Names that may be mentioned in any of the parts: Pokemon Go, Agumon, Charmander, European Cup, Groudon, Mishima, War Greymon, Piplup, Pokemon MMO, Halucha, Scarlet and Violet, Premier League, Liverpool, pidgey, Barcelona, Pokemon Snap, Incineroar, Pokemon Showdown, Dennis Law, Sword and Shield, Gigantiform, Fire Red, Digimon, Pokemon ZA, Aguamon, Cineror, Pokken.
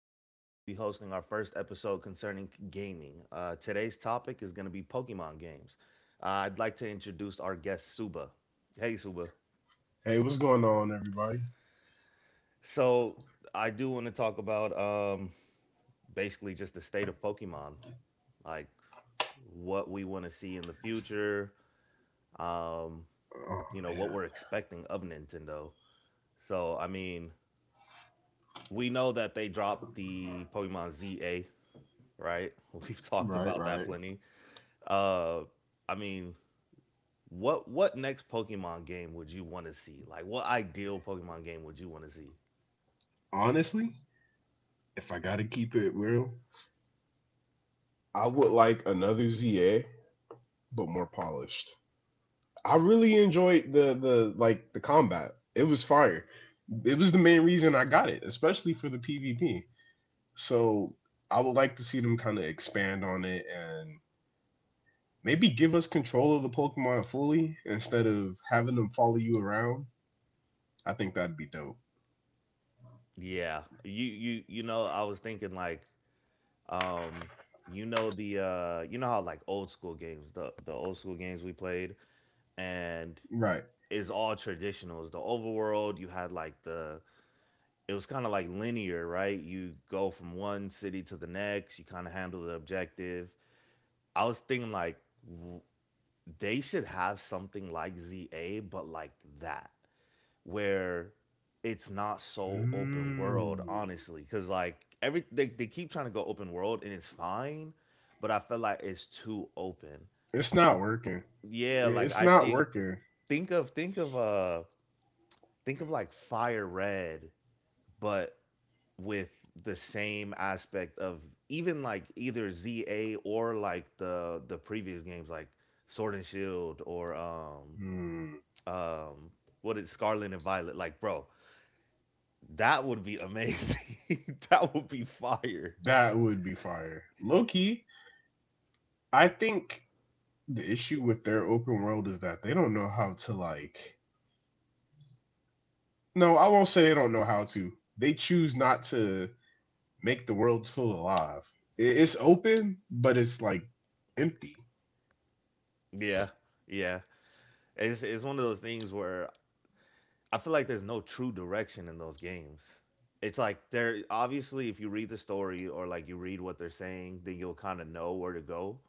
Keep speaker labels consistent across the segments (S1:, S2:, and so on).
S1: and today we'll be hosting our first episode concerning gaming. Today's topic is going to be Pokemon games. I'd like to introduce our guest Suba. Hey Suba.
S2: Hey, what's going on, everybody?
S1: So I do want to talk about basically just the state of Pokemon, like what we want to see in the future. Um,
S2: Oh
S1: you know what we're
S2: man,
S1: expecting of Nintendo. So I mean, we know that they dropped the Pokemon ZA, right? We've talked
S2: right,
S1: about that
S2: right.
S1: plenty. Uh, I mean, what next Pokemon game would you want to see? Like, what ideal Pokemon game would you want to see?
S2: Honestly, if I gotta keep it real, I would like another ZA, but more polished. I really enjoyed the combat. It was fire. It was the main reason I got it, especially for the PvP. So I would like to see them kind of expand on it and maybe give us control of the Pokemon fully instead of having them follow you around. I think that'd be dope.
S1: Yeah, you know, I was thinking like, um, you know the you know how like old school games, the old school games we played, and
S2: Right.
S1: is all traditionals. The overworld, you had like the it was kind of like linear, right? You go from one city to the next, you kind of handle the objective. I was thinking like they should have something like ZA, but like that, where it's not so open world,
S2: Mm.
S1: honestly. Cause like every they keep trying to go open world and it's fine, but I feel like it's too open.
S2: It's not working.
S1: Yeah, like I
S2: It's not
S1: think
S2: working.
S1: think of think of uh think of like Fire Red, but with the same aspect of even like either ZA or like the previous games like Sword and Shield or
S2: Hmm,
S1: um what is Scarlet and Violet like, bro? That would be amazing. that would be fire.
S2: that would be fire. Low key, I think the issue with their open world is that they don't know how to like. No, I won't say they don't know how to. They choose not to make the worlds feel alive. I- It's open, but it's like empty.
S1: Yeah. Yeah. It's one of those things where I feel like there's no true direction in those games. It's like they're obviously if you read the story or like you read what they're saying, then you'll kind of know where to go.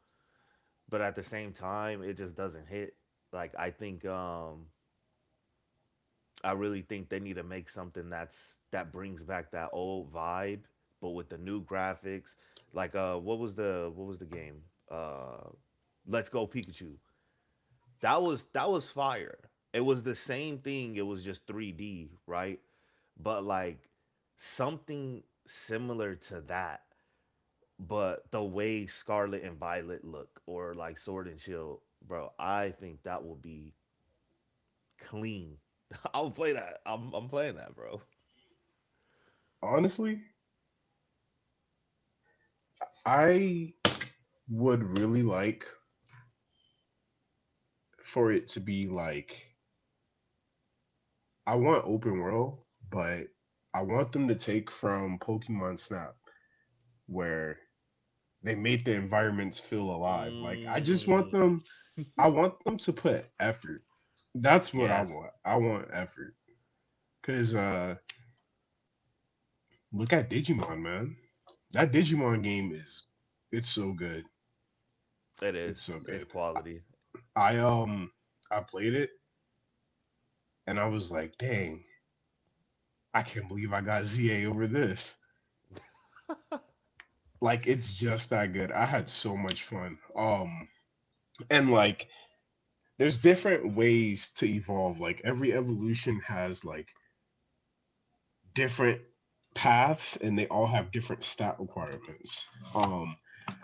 S1: But at the same time, it just doesn't hit. Like I think I really think they need to make something that's that brings back that old vibe, but with the new graphics. Like what was the game? Uh, Let's Go Pikachu. That was fire. It was the same thing. It was just 3D, right? But like something similar to that, but the way Scarlet and Violet look, or like Sword and Shield, bro. I think that will be clean. I'll play that. I'm playing that, bro.
S2: Honestly, I would really like for it to be like I want open world, but I want them to take from Pokemon Snap where they made the environments feel alive. Like I just want
S1: Mm,
S2: them. I want them to put effort. That's what I
S1: yeah,
S2: want. I want effort. Cause Look at Digimon, man. That Digimon game is it's so good.
S1: it
S2: It's so
S1: is. It's
S2: good. I
S1: quality.
S2: I I played it and I was like, dang, I can't believe I got ZA over this. Like it's just that good. I had so much fun. And like there's different ways to evolve. Like every evolution has like different paths and they all have different stat requirements. Um,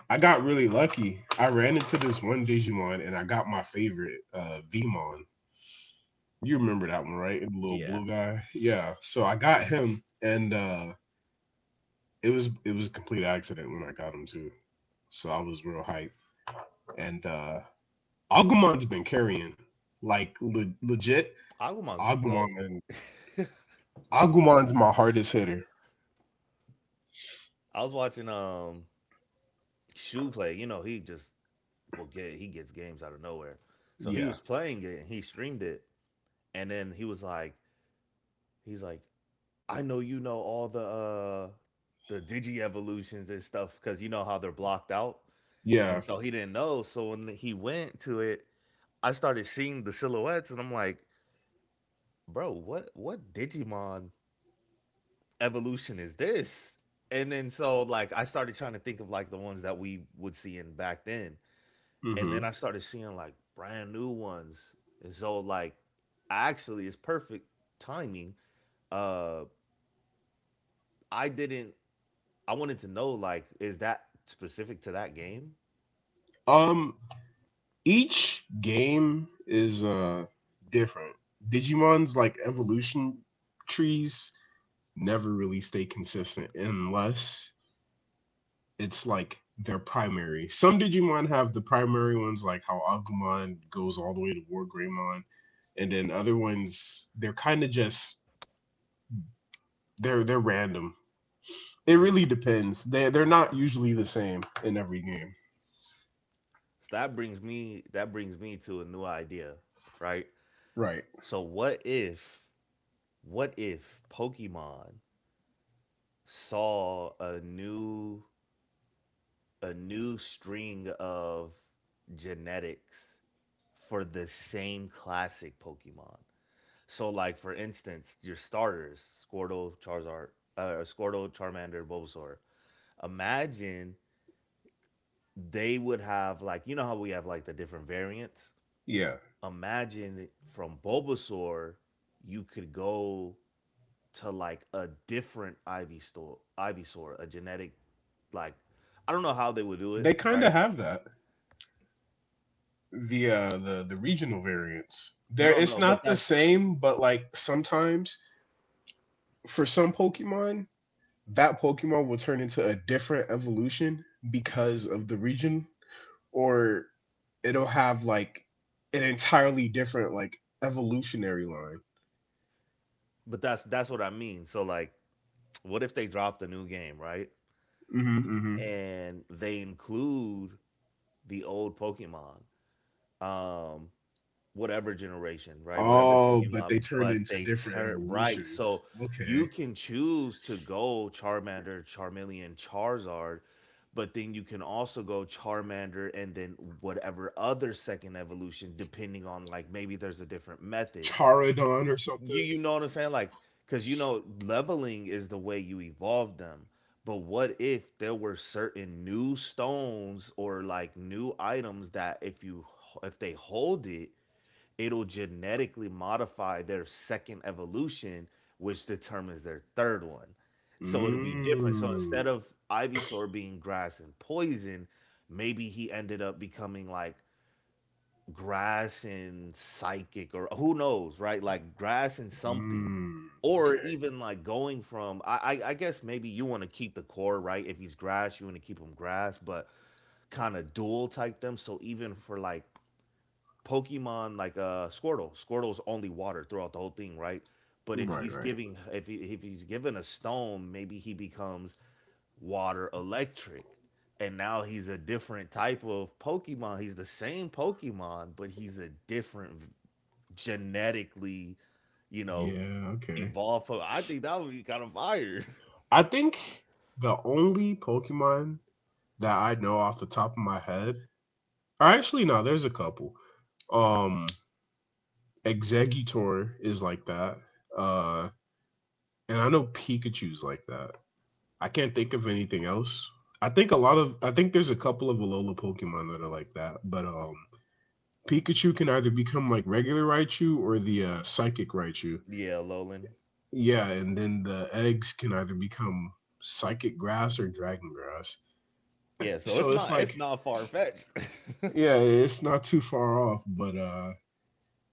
S2: I got really lucky. I ran into this one Digimon and I got my favorite, Vmon. You remember that one, right? The little
S1: Yeah.
S2: blue guy. Yeah. So I got him and it was a complete accident when I got him too. So I was real hyped. And Agumon's been carrying like legit.
S1: Aguamon's the GOAT.
S2: Agumon, Agumon's my hardest hitter.
S1: I was watching Shoe play. You know, he just will get he gets games out of nowhere. So he
S2: Yeah.
S1: was playing it and he streamed it. And then he was like, he's like, I know you know all the digi evolutions and stuff because you know how they're blocked out. And
S2: Yeah.
S1: so he didn't know. So when he went to it, I started seeing the silhouettes and I'm like, bro, what Digimon evolution is this? And then so like I started trying to think of like the ones that we would see in back then. And then
S2: hmm
S1: I started seeing like brand new ones. And so like actually it's perfect timing. Uh I didn't I wanted to know like is that specific to that game?
S2: Um, each game is different. Digimon's like evolution trees never really stay consistent unless it's like their primary. Some Digimon have the primary ones like how Agumon goes all the way to War Greymon and then other ones they're kind of just they're random. It really
S1: Mm.
S2: depends. They're not usually the same in every game.
S1: So that brings me to a new idea, right?
S2: Right.
S1: So what if Pokemon saw a new string of genetics for the same classic Pokemon. So, like for instance, your starters Squirtle, Charizard, Squirtle, Charmander, Bulbasaur. Imagine they would have like you know how we have like the different variants.
S2: Yeah.
S1: Imagine from Bulbasaur, you could go to like a different Ivysaur, a genetic like I don't know how they would do it,
S2: They kind
S1: right?
S2: of have that. The regional variants. There,
S1: No,
S2: it's
S1: no,
S2: not the same, but like sometimes for some Pokemon, that Pokemon will turn into a different evolution because of the region, or it'll have like an entirely different like evolutionary line.
S1: but that's what I mean. So like, what if they dropped a new game, right?
S2: hmm hmm
S1: And they include the old Pokemon, um, whatever generation, right? Whatever
S2: Oh, but
S1: Pokemon,
S2: they turned
S1: but
S2: into
S1: they
S2: different
S1: turn right.
S2: evolutions.
S1: So
S2: Okay,
S1: you can choose to go Charmander, Charmeleon, Charizard, but then you can also go Charmander and then whatever other second evolution, depending on like maybe there's a different method.
S2: Charodon or
S1: You
S2: something.
S1: you know what I'm saying? Like, cause you know, leveling is the way you evolve them. But what if there were certain new stones or like new items that if you if they hold it, it'll genetically modify their second evolution, which determines their third one. So it'll be different. So instead
S2: Mm.
S1: of Ivysaur being grass and poison, maybe he ended up becoming like grass and psychic or who knows, right? Like grass and something.
S2: Mm.
S1: Or
S2: Okay.
S1: even like going from I guess maybe you want to keep the core, right? If he's grass, you want to keep him grass, but kind of dual type them. So even for like Pokemon like Squirtle, Squirtle's only water throughout the whole thing, right? But if
S2: Right.
S1: he's
S2: Right.
S1: giving if he's given a stone, maybe he becomes Water Electric. And now he's a different type of Pokemon. He's the same Pokemon, but he's a different genetically, you know,
S2: Yeah. Okay.
S1: evolved. I think that would be kind of fire.
S2: I think the only Pokemon that I know off the top of my head, or actually no, there's a couple. Um, Executor is like that. Uh, and I know Pikachu's like that. I can't think of anything else. I think there's a couple of Alola Pokemon that are like that, but Pikachu can either become like regular Raichu or the Psychic Raichu.
S1: yeah, Lolan.
S2: Yeah, and then the eggs can either become Psychic Grass or Dragon Grass.
S1: Yeah,
S2: So
S1: so it's
S2: it's
S1: not
S2: like
S1: it's not far fetched.
S2: yeah, it's not too far off, but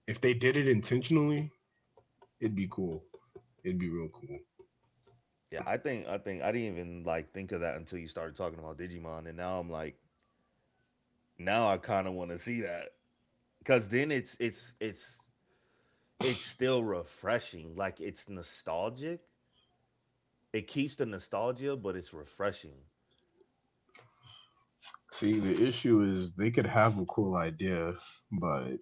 S2: if they did it intentionally, it'd be cool. It'd be real cool.
S1: yeah, I didn't even like think of that until you started talking about Digimon, and now I'm like, now I kind of want to see that because then it's still refreshing. Like it's nostalgic, it keeps the nostalgia, but it's refreshing.
S2: See, the issue is they could have a cool idea, but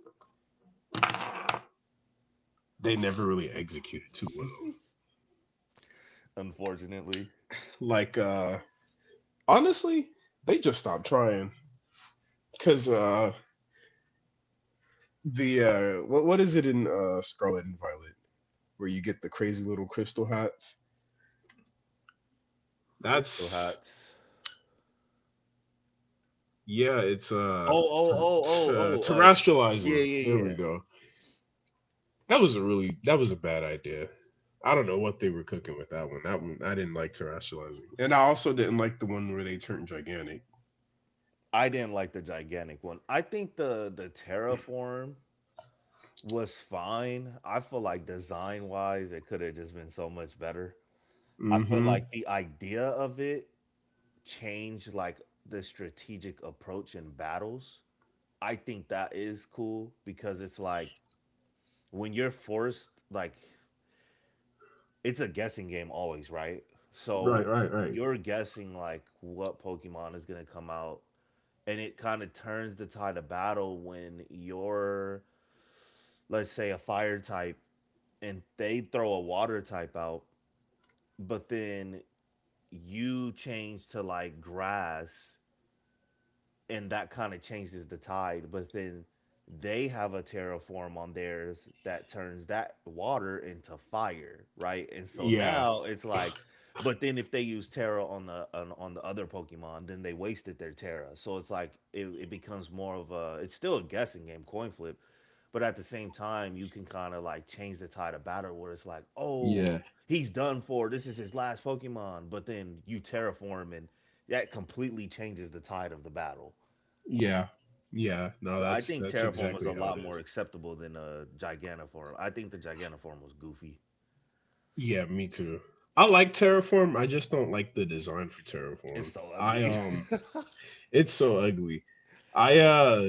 S2: they never really execute it too well.
S1: Unfortunately,
S2: Like, honestly, they just stopped trying because the what is it in Scarlet and Violet where you get the crazy little crystal hats?
S1: crystal
S2: That's
S1: hats.
S2: yeah, it's
S1: Oh, oh, oh, oh, oh.
S2: terrestrializing.
S1: Yeah, yeah,
S2: There
S1: yeah.
S2: we go. That was a really that was a bad idea. I don't know what they were cooking with that one. That one I didn't like terrestrializing, and I also didn't like the one where they turned gigantic.
S1: I didn't like the gigantic one. I think the terraform was fine. I feel like design wise, it could have just been so much better. I feel
S2: Mm-hmm.
S1: like the idea of it changed like the strategic approach in battles. I think that is cool because it's like when you're forced like it's a guessing game always, right?
S2: Right,
S1: So
S2: right, right.
S1: you're guessing like what Pokemon is gonna come out, and it kind of turns the tide of battle when you're, let's say, a fire type, and they throw a water type out, but then you change to like grass, and that kind of changes the tide. But then they have a terraform on theirs that turns that water into fire, right? And so
S2: Yeah,
S1: now it's like, but then if they use Terra on the on the other Pokemon, then they wasted their Terra. So it's like it becomes more of a it's still a guessing game, coin flip, but at the same time you can kind of like change the tide of battle where it's like, oh,
S2: yeah,
S1: he's done for. This is his last Pokemon. But then you terraform and that completely changes the tide of the battle.
S2: yeah, yeah. No,
S1: I think
S2: that's
S1: Terraform
S2: exactly
S1: was a
S2: how it
S1: lot
S2: is.
S1: more acceptable than Gigantiform. I think the Gigantiform was goofy.
S2: Yeah, me too. I like Terraform. I just don't like the design for
S1: It's
S2: Terraform.
S1: so
S2: I
S1: ugly.
S2: It's so ugly. I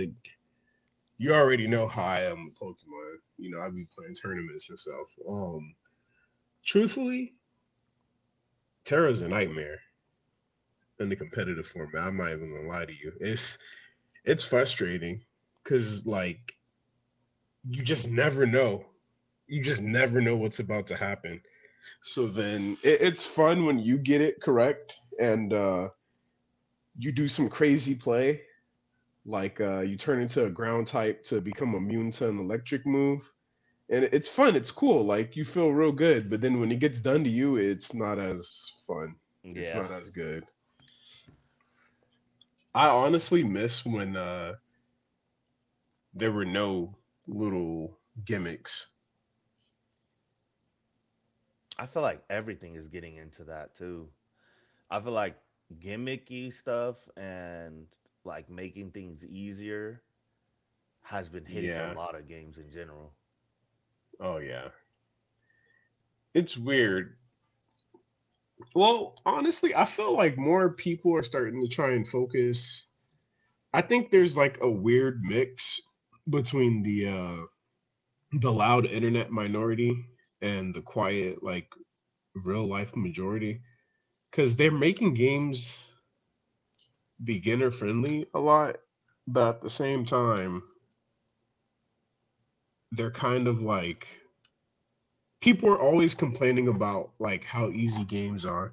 S2: You already know how I am with Pokemon. You know, I be playing tournaments and stuff. Truthfully, Terra's a nightmare in the competitive format. I'm not even gonna lie to you. It's frustrating because like you just never know. You just never know what's about to happen. So then it's fun when you get it correct and you do some crazy play, like you turn into a ground type to become immune to an electric move, and it's fun. It's cool. Like you feel real good, but then when it gets done to you, it's not as fun. It's
S1: Yeah.
S2: not as good. I honestly miss when there were no little gimmicks.
S1: I feel like everything is getting into that too. I feel like gimmicky stuff and like making things easier has been hitting a
S2: Yeah.
S1: lot of games in general.
S2: Oh yeah. It's weird. Well, honestly, I feel like more people are starting to try and focus. I think there's like a weird mix between the loud internet minority and the quiet like real life majority cuz they're making games beginner friendly a lot, but at the same time, they're kind of like people are always complaining about like how easy games are,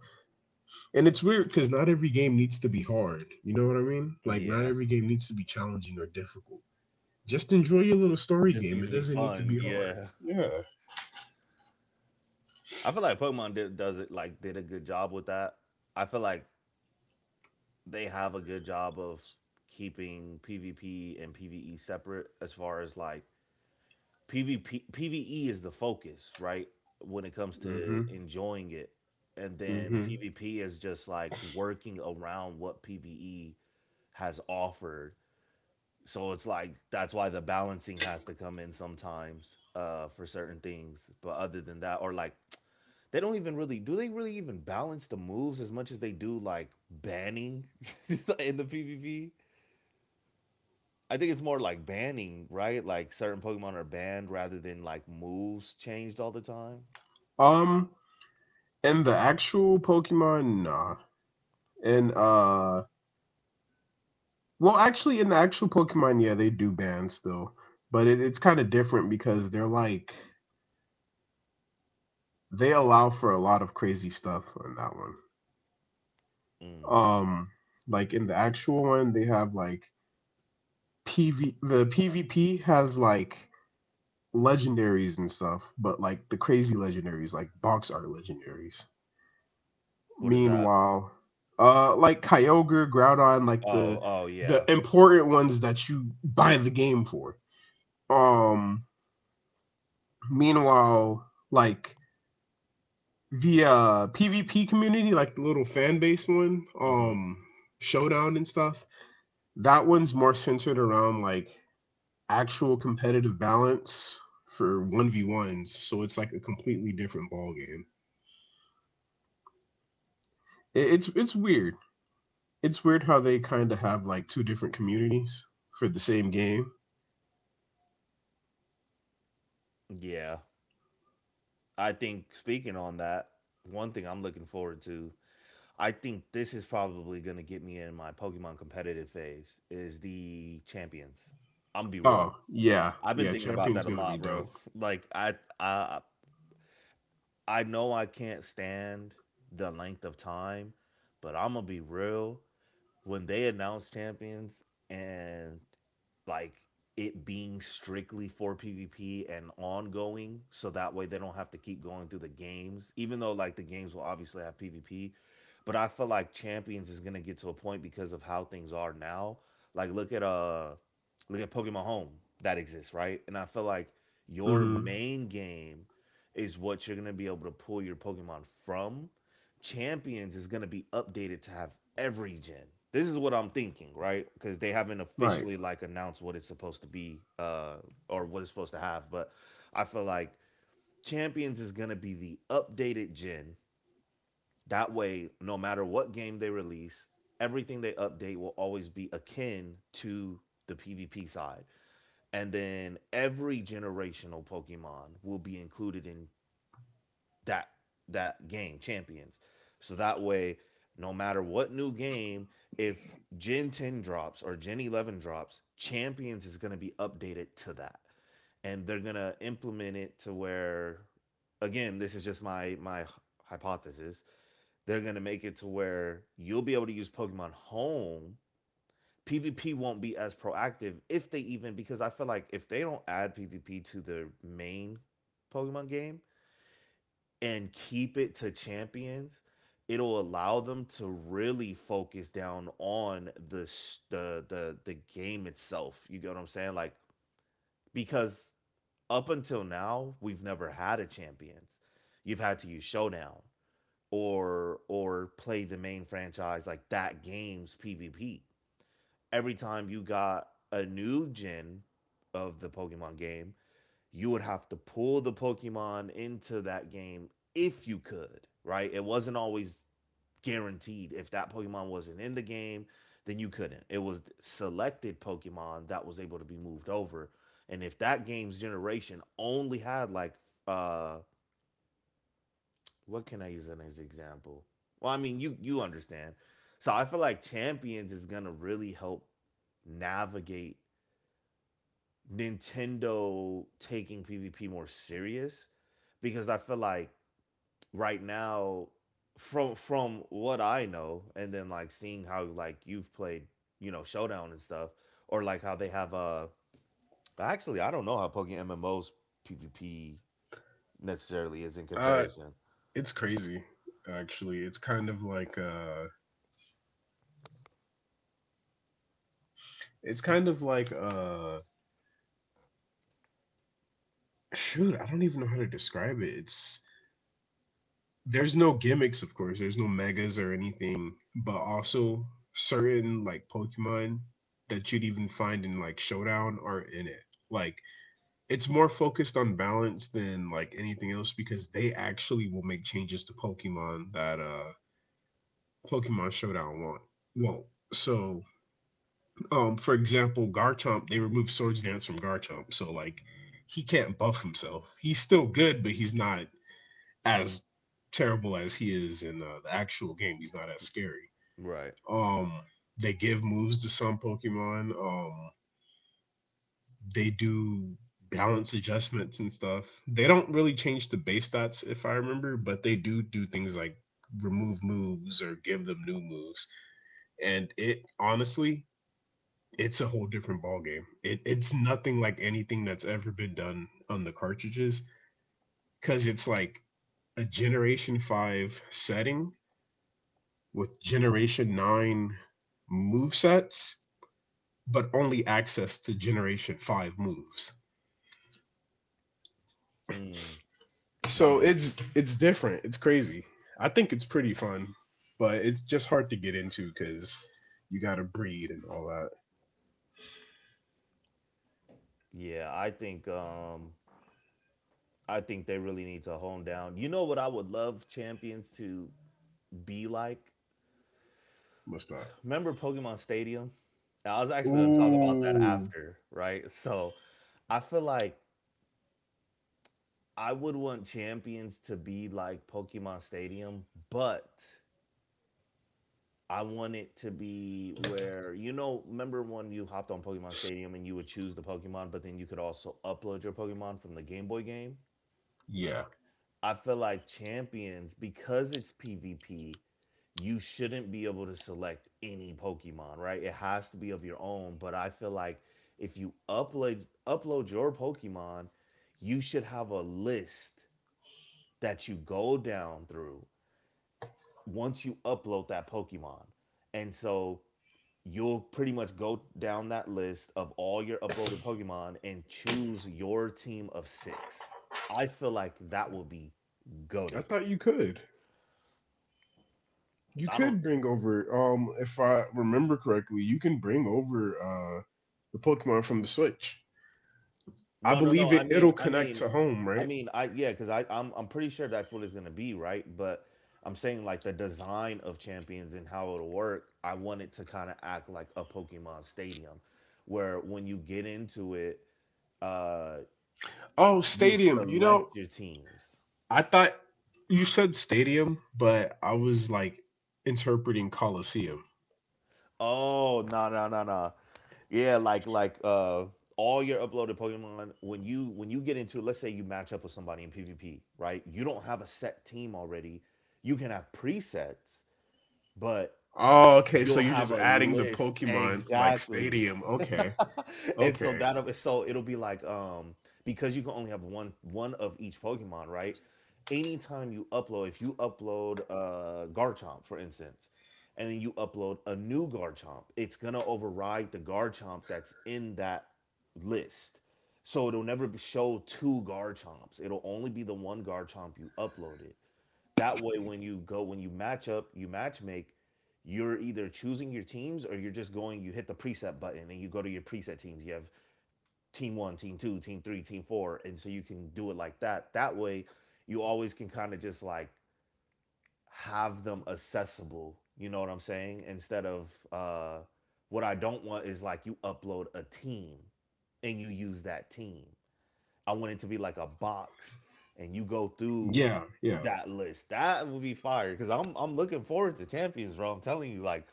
S2: and it's weird because not every game needs to be hard, you know what I mean, like not
S1: Yeah.
S2: every game needs to be challenging or difficult. Just enjoy your little
S1: It
S2: story
S1: just
S2: game.
S1: needs
S2: It
S1: to be
S2: doesn't need to
S1: fun.
S2: be hard.
S1: Yeah.
S2: Yeah.
S1: I feel like Pokemon did, does it like did a good job with that. I feel like they have a good job of keeping PvP and PvE separate as far as like PvP PvE is the focus, right? When it comes to
S2: Mm-hmm.
S1: enjoying it. And then
S2: Mm-hmm.
S1: PvP is just like working around what PvE has offered. So it's like that's why the balancing has to come in sometimes for certain things. But other than that or like they don't even really do they really even balance the moves as much as they do like banning in the PvP? I think it's more like banning, right? Like certain Pokemon are banned rather than like moves changed all the time.
S2: um and the actual Pokemon, nah. and Well, actually, in the actual Pokemon, yeah, they do ban still, but it's kind of different because they're like they allow for a lot of crazy stuff on that one.
S1: Mm.
S2: um like in the actual one they have like pv the PvP has like legendaries and stuff, but like the crazy legendaries like box art legendaries.
S1: What is that?
S2: Meanwhile, like Kyogre, Groudon, like
S1: Oh, oh yeah.
S2: the important ones that you buy the game for. um Meanwhile, like the PvP community, like the little fan base one,
S1: Hmm.
S2: Showdown and stuff, that one's more centered around like actual competitive balance for 1v1s. So it's like a completely different ball game. It's weird. It's weird how they kind of have like two different communities for the same game.
S1: Yeah. I think speaking on that, one thing I'm looking forward to, I think this is probably going to get me in my Pokemon competitive phase is the champions. I'm gonna be real.
S2: Oh yeah,
S1: I've been
S2: yeah,
S1: thinking about
S2: champion's
S1: that a
S2: gonna be
S1: lot, bro.
S2: dope.
S1: Like I I know I can't stand the length of time, but I'm gonna be real. When they announced champions and like it being strictly for PvP and ongoing, so that way they don't have to keep going through the games, even though like the games will obviously have PvP. But I feel like champions is gonna get to a point because of how things are now. Like look at Pokemon Home that exists, right? And I feel like your
S2: Mm-hmm.
S1: main game is what you're gonna be able to pull your Pokemon from champions is going to be updated to have every gen. This is what I'm thinking, right? Because they haven't
S2: Right.
S1: officially like announced what it's supposed to be or what it's supposed to have. But I feel like champions is going to be the updated gen. That way, no matter what game they release, everything they update will always be akin to the PvP side. And then every generational Pokemon will be included in that that game champions. So that way, no matter what new game, if Gen 10 drops or Gen 11 drops, champions is going to be updated to that. And they're going to implement it to where again, this is just my hypothesis. They're going to make it to where you'll be able to use Pokemon Home. PvP won't be as proactive if they even, because I feel like if they don't add PvP to the main Pokemon game, and keep it to champions, it'll allow them to really focus down on the the game itself. You get what I'm saying? Like because up until now, we've never had a champions. You've had to use showdown or play the main franchise like that game's PvP. Every time you got a new gen of the Pokemon game, you would have to pull the Pokemon into that game if you could, right? It wasn't always guaranteed. If that Pokemon wasn't in the game, then you couldn't. It was selected Pokemon that was able to be moved over. And if that game's generation only had like uh what can I use as an example? Well, I mean you understand. So I feel like Champions is gonna really help navigate Nintendo taking PvP more serious because I feel like right now from what I know and then like seeing how like you've played, you know, Showdown and stuff or like how they have actually I don't know how Pokemon MMO's PvP necessarily is in
S2: uh
S1: comparison.
S2: it's crazy. Actually, it's kind of like it's kind of like uh shoot, I don't even know how to describe it. It's there's no gimmicks, of course. There's no megas or anything, but also certain like Pokemon that you'd even find in like Showdown are in it. Like it's more focused on balance than like anything else because they actually will make changes to Pokemon that Pokemon Showdown won't. Won't. So, for example, Garchomp, they removed Swords Dance from Garchomp, so like he can't buff himself. He's still good, but he's not as terrible as he is in the actual game, he's not as scary.
S1: Right.
S2: Um, they give moves to some Pokemon. They do balance adjustments and stuff. They don't really change the base stats, if I remember, but they do do things like remove moves or give them new moves. And it honestly, it's a whole different ballgame. It, it's nothing like anything that's ever been done on the cartridges because it's like a Generation 5 setting with Generation 9 move sets, but only access to Generation 5 moves.
S1: Mm, that
S2: So
S1: makes sense.
S2: it's different. It's crazy. I think it's pretty fun, but it's just hard to get into cuz you got to breed and all that.
S1: Yeah, I think they really need to hone down. You know what I would love champions to be like?
S2: Must not.
S1: Remember Pokemon Stadium? I was actually going to talk about that
S2: Ooh.
S1: after, right? So I feel like I would want champions to be like Pokemon Stadium, but I want it to be where, you know, remember when you hopped on Pokemon Stadium and you would choose the Pokemon, but then you could also upload your Pokemon from the Game Boy game?
S2: Yeah.
S1: I feel like champions, because it's PvP, you shouldn't be able to select any Pokemon, right? It has to be of your own. But I feel like if you upload your Pokemon, you should have a list that you go down through once you upload that Pokemon. And so you'll pretty much go down that list of all your uploaded Pokemon and choose your team of six. I feel like that will be
S2: I
S1: goaded.
S2: thought you could. You
S1: I don't.
S2: could bring over if I remember correctly, you can bring over uh the Pokemon from the Switch. I
S1: No, no, no.
S2: believe
S1: I
S2: it it'll
S1: mean, I
S2: connect
S1: mean,
S2: to home,
S1: I
S2: right?
S1: mean, I yeah, because I'm pretty sure that's what it's gonna be, right? But I'm saying like the design of champions and how it'll work. I want it to kind of act like a Pokemon Stadium, where when you get into it, uh,
S2: Oh,
S1: you
S2: Stadium. You
S1: select
S2: know,
S1: your teams.
S2: I thought you said stadium, but I was like interpreting Coliseum.
S1: Oh, no, yeah, like like all your uploaded Pokemon when you get into, let's say you match up with somebody in PvP, right? You don't have a set team already. You can have presets but
S2: Oh, okay. So
S1: you'll
S2: you're
S1: have
S2: just
S1: a
S2: adding the
S1: list
S2: Pokemon like
S1: exactly.
S2: stadium. Okay.
S1: And so
S2: Okay.
S1: that'll, so it'll be like because you can only have one of each pokemon, right? Anytime you upload, if you upload garchomp for instance, and then you upload a new garchomp, it's gonna override the garchomp that's in that list, so it'll never show two garchomps, it'll only be the one garchomp you uploaded. That way, when you go, when you match up, you match make, you're either choosing your teams or you're just going, you hit the preset button and you go to your preset teams. You have team one, team two, team three, team four. And so you can do it like that. That way, you always can kind of just like have them accessible. You know what I'm saying? Instead of what I don't want is like you upload a team and you use that team. I want it to be like a box and you go through
S2: Yeah, yeah.
S1: that list. That would be fire because I'm looking forward to champions, bro. I'm telling you, like,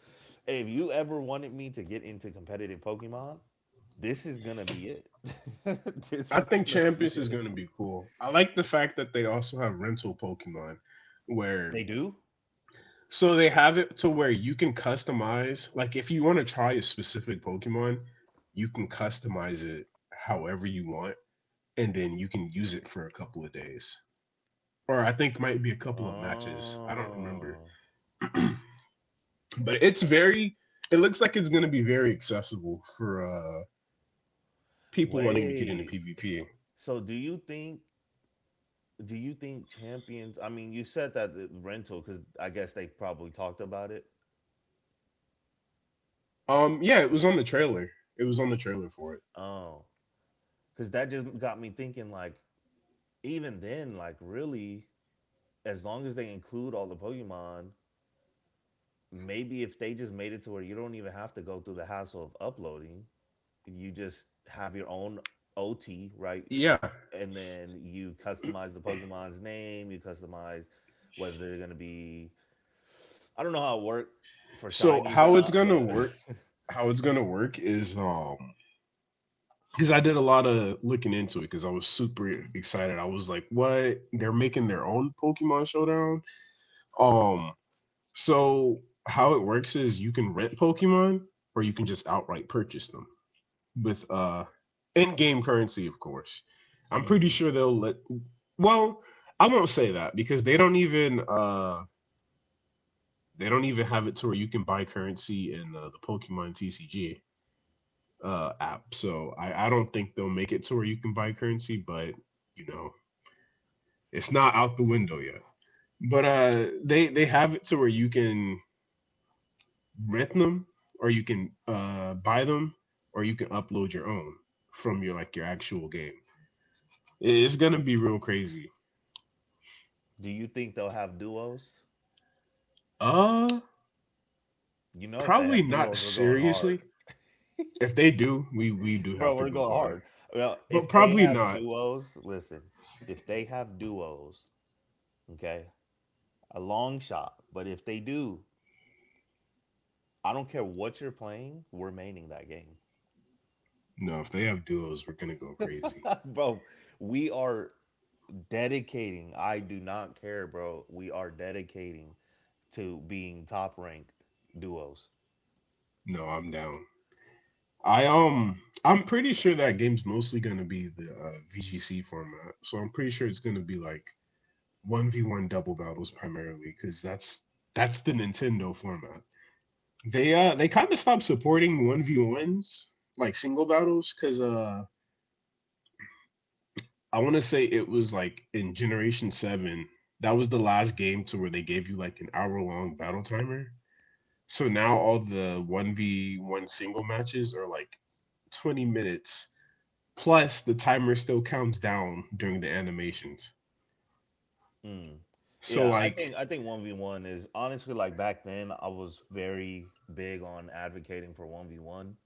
S1: if you ever wanted me to get into competitive Pokemon, this is gonna be it. This
S2: I
S1: is
S2: think
S1: gonna be
S2: Champions is
S1: it.
S2: going to be cool. I like the fact that they also have rental Pokemon where
S1: They do.
S2: so they have it to where you can customize like if you want to try a specific Pokemon, you can customize it however you want and then you can use it for a couple of days. Or I think might be a couple of matches. I don't remember,
S1: Oh,
S2: but it's very. It looks like it's going to be very accessible for people wanting to get into
S1: wait.
S2: PvP.
S1: So do you think? Do you think champions? I mean, you said that the rental because I guess they probably talked about it.
S2: Yeah, it was on the trailer. It was on the trailer for it.
S1: Oh, because that just got me thinking. Like, even then, like, really, as long as they include all the Pokemon, maybe if they just made it to where you don't even have to go through the hassle of uploading, you just have your own OT, right?
S2: Yeah.
S1: And then you customize the Pokemon's name, you customize whether they're going to be. I don't know how it work for
S2: So
S1: shinies or
S2: how it's
S1: not,
S2: gonna
S1: but
S2: work? How it's gonna work is because I did a lot of looking into it because I was super excited. I was like, what? They're making their own Pokemon Showdown. Um, so how it works is you can rent Pokemon or you can just outright purchase them with in-game currency, of course. I'm pretty
S1: Mm.
S2: sure they'll let. Well, I won't say that because they don't even have it to where you can buy currency in the Pokemon TCG app. So I don't think they'll make it to where you can buy currency, but you know it's not out the window yet. But they have it to where you can rent them or you can buy them or you can upload your own from your like your actual game. It's gonna be real crazy.
S1: Do you think they'll have duos?
S2: Uh,
S1: You know, if they
S2: Probably
S1: have
S2: not
S1: duos, we're going hard.
S2: seriously. If they do, we do have
S1: Bro,
S2: to
S1: we're
S2: go
S1: going
S2: hard,
S1: hard. Well, if
S2: but
S1: they
S2: probably
S1: have
S2: not.
S1: duos, listen, if they have duos, okay, a long shot. But if they do, I don't care what you're playing, we're maining that game.
S2: No, if they have duos, we're gonna go crazy.
S1: Bro, we are dedicating. I do not care, bro. We are dedicating to being top rank duos.
S2: No, I'm down. I'm pretty sure that game's mostly gonna be the VGC format, so I'm pretty sure it's gonna be like one v one double battles primarily, because that's the Nintendo format. They kind of stopped supporting one v ones like single battles because I want to say it was like in Generation 7, that was the last game to where they gave you like an hour long battle timer. So now all the 1v1 single matches are like 20 minutes. Plus, the timer still counts down during the animations.
S1: Mm.
S2: So,
S1: Yeah, I think
S2: like,
S1: I think 1v1 is honestly like back then I was very big on advocating for 1v1,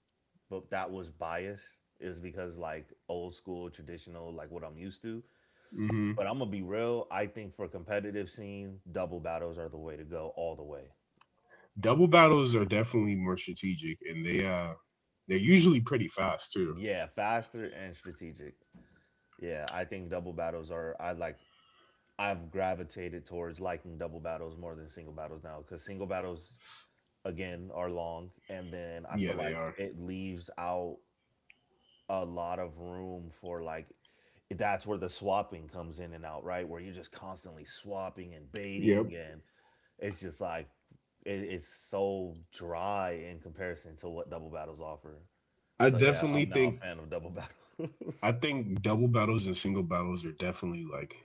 S1: but that was biased is because like old school traditional like what I'm used to.
S2: hmm
S1: But I'm gonna be real, I think for competitive scene, double battles are the way to go all the way.
S2: double battles are definitely more strategic and they, they're usually pretty fast too.
S1: Yeah, faster and strategic. Yeah, I think double battles are I like, I've gravitated towards liking double battles more than single battles now cuz single battles again are long and then I
S2: Yeah,
S1: feel
S2: they are.
S1: like it leaves out a lot of room for like that's where the swapping comes in and out, right? Where you're just constantly swapping and
S2: Yep.
S1: baiting and it's just like it, it's so dry in comparison to what double battles offer.
S2: I
S1: So yeah,
S2: definitely
S1: I'm now a
S2: think,
S1: fan of double battles.
S2: I think double battles and single battles are definitely like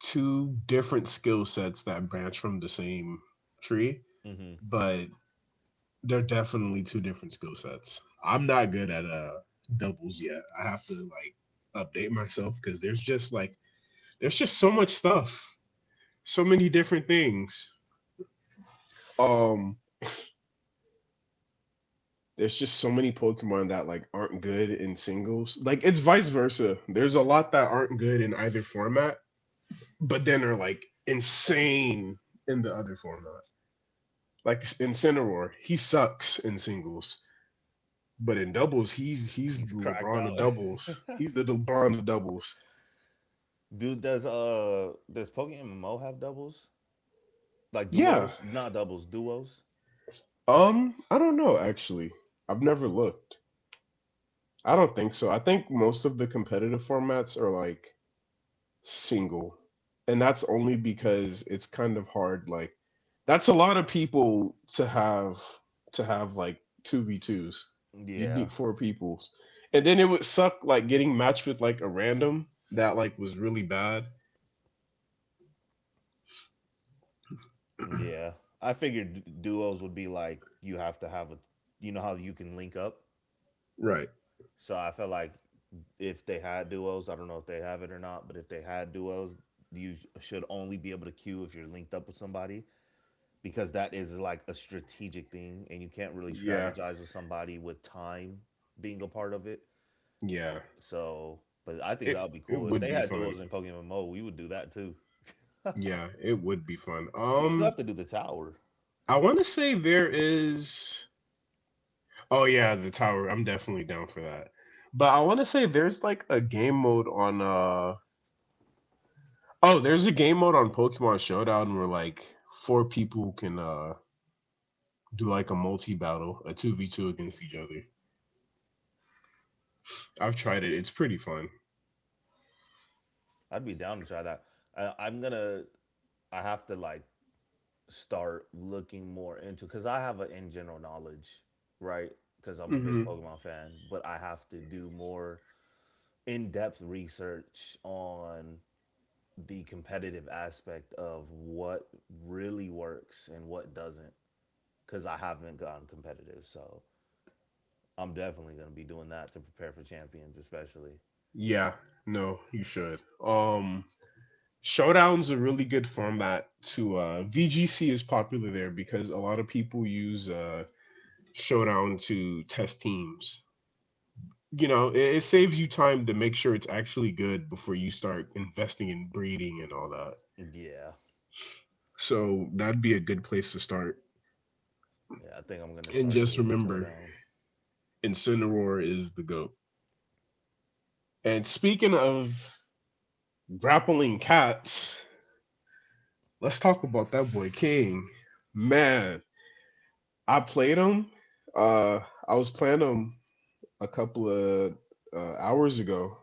S2: two different skill sets that branch from the same tree, but they're definitely two different skill sets. I'm not good at doubles yet. I have to like update myself because there's just so much stuff, so many different things. Um, there's just so many Pokemon that like aren't good in singles. Like it's vice versa. There's a lot that aren't good in either format, but then are like insane in the other format. Like in Cineror, he sucks in singles, but in doubles, he's
S1: He's
S2: the
S1: cracked
S2: LeBron
S1: out.
S2: of doubles. He's the LeBron of doubles.
S1: Dude, does Pokemon Mo have doubles? Like
S2: Yeah.
S1: duos? Not doubles, duos.
S2: I don't know actually. I've never looked. I don't think so. I think most of the competitive formats are like single and that's only because it's kind of hard like that's a lot of people to have like 2v2s. You'd
S1: Yeah.
S2: need four peoples and then it would suck like getting matched with like a random that like was really bad.
S1: Yeah. I figured duos would be like you have to have a, you know how you can link up.
S2: Right.
S1: So I felt like if they had duos, I don't know if they have it or not, but if they had duos, you should only be able to queue if you're linked up with somebody because that is like a strategic thing and you can't really
S2: Yeah.
S1: strategize with somebody with time being a part of it.
S2: Yeah,
S1: So, but I think that would
S2: it
S1: be
S2: it
S1: cool if they
S2: would be
S1: had duels
S2: fun.
S1: in Pokemon Mo. We would do that too.
S2: Yeah, it would be fun.
S1: We still have to do the tower.
S2: I want to say there is Oh yeah, the tower, I'm definitely down for that. But I want to say there's like a game mode on oh, there's a game mode on Pokemon Showdown where like four people can do like a multi battle, a two v two against each other. I've tried it. It's pretty fun.
S1: I'd be down to try that. I'm gonna. I have to like start looking more into because I have an in general knowledge, right? Because I'm a big
S2: hmm
S1: Pokemon fan, but I have to do more in depth research on the competitive aspect of what really works and what doesn't because I haven't gotten competitive. So I'm definitely gonna be doing that to prepare for champions, especially.
S2: Yeah. No, you should. Um, Showdown's a really good format to VGC is popular there because a lot of people use Showdown to test teams. You know, it saves you time to make sure it's actually good before you start investing in breeding and all that.
S1: Yeah,
S2: So that'd be a good place to start.
S1: yeah. I think I'm gonna
S2: And
S1: start
S2: just
S1: doing
S2: remember,
S1: showdown.
S2: Incineroar is the goat. And speaking of grappling cats, let's talk about that boy King. Man, I played him. Uh, I was playing him a couple of hours ago.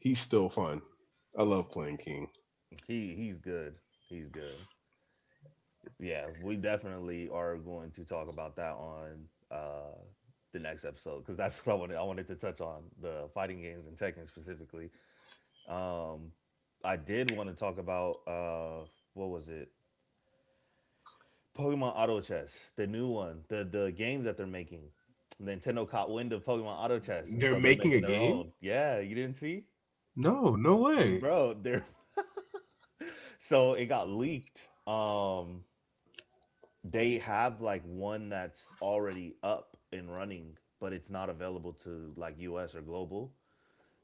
S2: He's still fun. I love playing King.
S1: He's good. He's good. Yeah, we definitely are going to talk about that on the next episode because that's what I wanted. I wanted to touch on the fighting games and Tekken specifically. Um, I did want to talk about what was it? Pokemon Auto Chess, the new one, the game that they're making. Nintendo caught wind of Pokemon Auto Chess, and
S2: They're
S1: so they're
S2: making
S1: making
S2: a
S1: their
S2: game?
S1: own. Yeah, you didn't see,
S2: No, no way.
S1: bro. They're so it got leaked. They have like one that's already up and running, but it's not available to like US or global.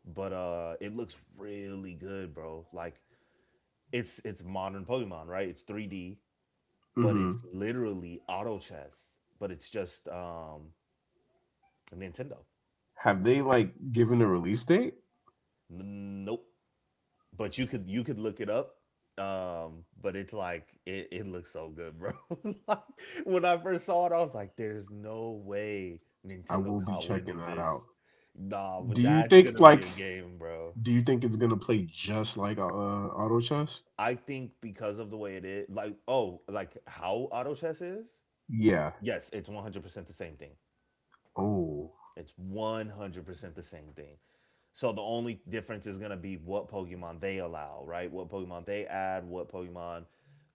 S1: But it looks really good, bro. Like it's modern Pokemon, right? It's 3D, but
S2: hmm
S1: it's literally auto chess. But it's just Nintendo.
S2: Have they like given a release date?
S1: Nope. But you could look it up. But it's like it looks so good, bro. Like when I first saw it, I was like, there's no way
S2: I
S1: Nintendo
S2: will be
S1: caught wind
S2: checking
S1: of
S2: that out.
S1: this. Nah,
S2: Do
S1: but
S2: you
S1: that's
S2: think
S1: gonna be
S2: like
S1: a game, bro.
S2: Do you think it's gonna play just like Auto Chess?
S1: I think because of the way it is, like, oh, like how auto chess is?
S2: Yeah.
S1: Yes, it's 100% the same thing.
S2: Oh.
S1: It's 100% the same thing. So the only difference is going to be what Pokemon they allow, right? What Pokemon they add, what Pokemon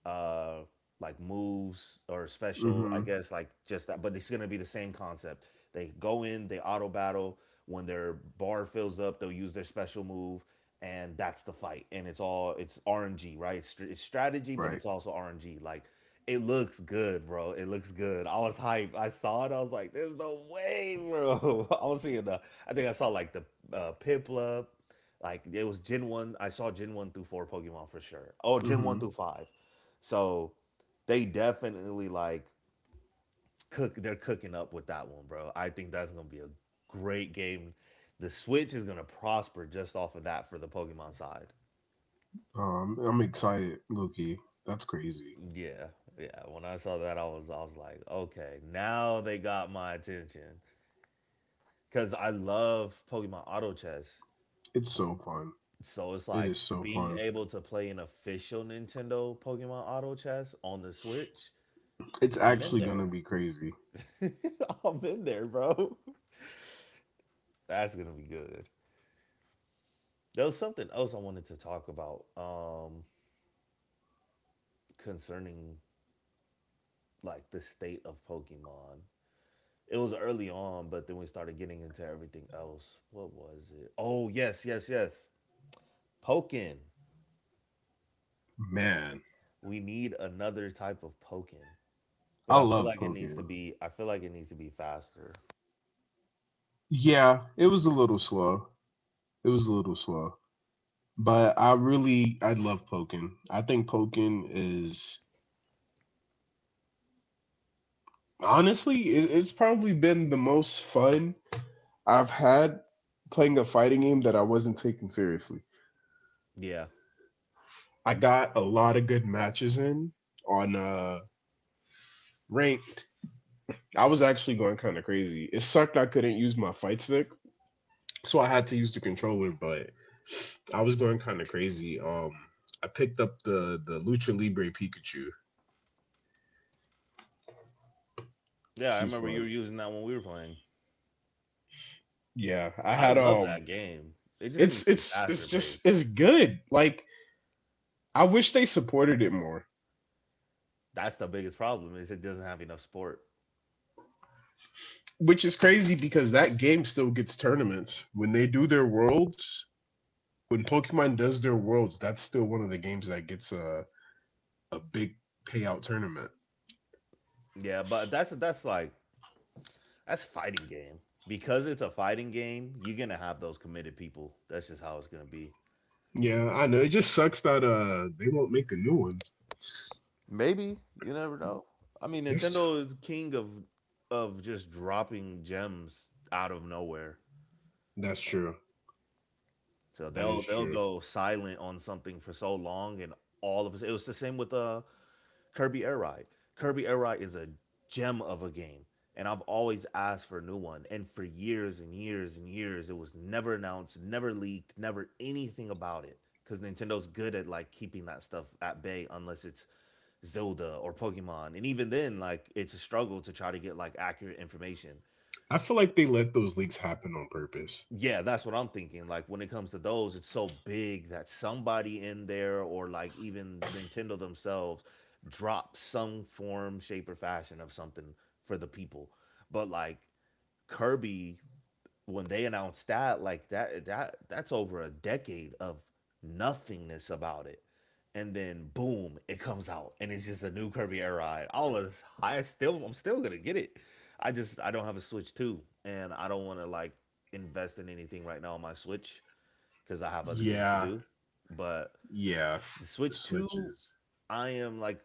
S1: uh like moves or special,
S2: Mm-hmm.
S1: I guess like just that, but it's going to be the same concept. They go in, they auto battle, when their bar fills up, they'll use their special move and that's the fight. And it's RNG, right? It's strategy, but it's
S2: Right.
S1: also RNG. Like it looks good, bro. It looks good. I was hyped. I saw it. I was like, "There's no way, bro." I was seeing the. I think I saw like the Piplup. Like it was Gen one. I saw Gen one through four Pokemon for sure. Oh, Gen one
S2: Mm-hmm.
S1: through five. So they definitely like cook. They're cooking up with that one, bro. I think that's gonna be a great game. The Switch is gonna prosper just off of that for the Pokemon side.
S2: I'm excited, Loki. That's crazy.
S1: Yeah, yeah. When I saw that, I was like, okay, now they got my attention, because I love Pokemon Auto Chess.
S2: It's so fun.
S1: So it's
S2: It is
S1: like
S2: so
S1: being
S2: fun.
S1: able to play an official Nintendo Pokemon Auto Chess on the Switch.
S2: It's
S1: I'm in
S2: actually gonna
S1: there.
S2: be crazy.
S1: I'm in there, bro. That's gonna be good. There was something else I wanted to talk about concerning like the state of Pokemon. It was early on, but then we started getting into everything else. What was it? Oh yes, yes. Pokin.
S2: Man,
S1: We need another type of Pokin. But
S2: I love poking.
S1: I feel like it needs to be faster.
S2: Yeah, it was a little slow. Was a little slow. But I really, I love poking. I think poking is honestly, it's probably been the most fun I've had playing a fighting game that I wasn't taking seriously.
S1: Yeah,
S2: I got a lot of good matches in on ranked. I was actually going kind of crazy. It sucked I couldn't use my fight stick, so I had to use the controller, but I was going kind of crazy. I picked up the Lucha Libre Pikachu.
S1: yeah. I
S2: She's
S1: remember you
S2: fun.
S1: were using that when we were playing.
S2: Yeah, I
S1: I
S2: had
S1: love that game. It just needs
S2: It's
S1: to be faster
S2: just
S1: paced.
S2: it's good. Like I wish they supported it more.
S1: That's the biggest problem, is it doesn't have enough sport.
S2: Which is crazy because that game still gets tournaments. When they do their worlds, when Pokemon does their worlds, that's still one of the games that gets a big payout tournament.
S1: Yeah, but that's fighting game because it's a fighting game. You're gonna have those committed people. That's just how it's gonna be.
S2: Yeah, I know. It just sucks that they won't make a new one.
S1: Maybe, you never know. I mean,
S2: There's t-
S1: Nintendo is king of just dropping gems out of nowhere.
S2: that's true.
S1: So
S2: That
S1: they'll
S2: is
S1: they'll
S2: true.
S1: go silent on something for so long, and all of us. It was the same with Kirby Air Ride. Kirby Air Ride is a gem of a game, and I've always asked for a new one. And for years and years and years, it was never announced, never leaked, never anything about it. Because Nintendo's good at like keeping that stuff at bay, unless it's Zelda or Pokemon, and even then, like it's a struggle to try to get like accurate information.
S2: I feel like they let those leaks happen on purpose.
S1: Yeah, that's what I'm thinking. Like when it comes to those, it's so big that somebody in there or like even Nintendo themselves drop some form, shape, or fashion of something for the people. But like Kirby, when they announced that, like that's over a decade of nothingness about it. And then boom, it comes out and it's just a new Kirby air ride. I'm still gonna get it. I don't have a Switch Two, and I don't wanna like invest in anything right now on my Switch because I have other things to
S2: Yeah,
S1: do. But
S2: yeah.
S1: the
S2: The
S1: Switch 2,
S2: switches.
S1: I am like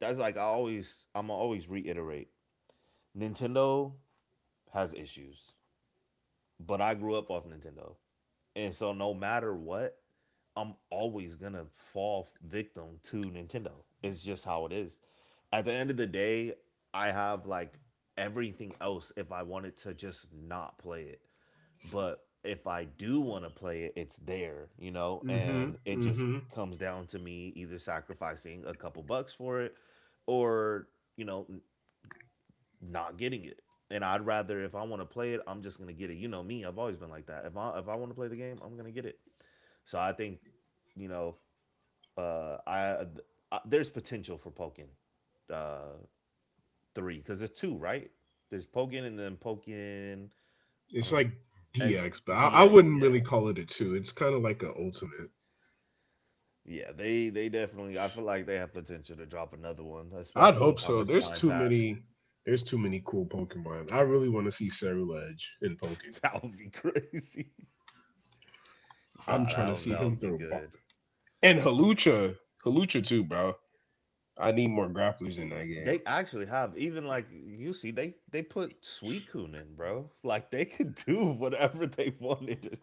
S1: that's like I'm always reiterate. Nintendo has issues, but I grew up off Nintendo. And so no matter what, I'm always gonna fall victim to Nintendo. It's just how it is. At the end of the day, I have like everything else if I wanted to just not play it. But if I do want to play it, it's there, you know,
S2: Mm-hmm.
S1: and it just
S2: Mm-hmm.
S1: comes down to me either sacrificing a couple bucks for it or, you know, not getting it. And I'd rather, if I want to play it, I'm just gonna get it. You know me, I've always been like that. If I want to play the game, I'm gonna get it. So I think you know uh, I, I there's potential for Pokin uh, three, because there's two right. There's Pokin and then Pokin. I
S2: It's
S1: don't
S2: like
S1: X-
S2: DX, but I
S1: DX.
S2: wouldn't
S1: Yeah,
S2: really call it a two. It's kind of like an ultimate.
S1: yeah. They definitely. I feel like they have potential to drop another one,
S2: I'd
S1: especially
S2: hope
S1: with how
S2: so.
S1: much
S2: There's
S1: time
S2: too
S1: passed.
S2: many. There's too many cool Pokemon. I really want to see Cerulege in Pokken.
S1: that would be crazy. nah,
S2: I'm trying to see
S1: that would
S2: him
S1: be
S2: throw bo-
S1: good.
S2: And Halucha, Halucha too, bro. I need more grapplers in that
S1: They
S2: game.
S1: actually have even like you see they put Suicune in, bro. Like they could do whatever they wanted.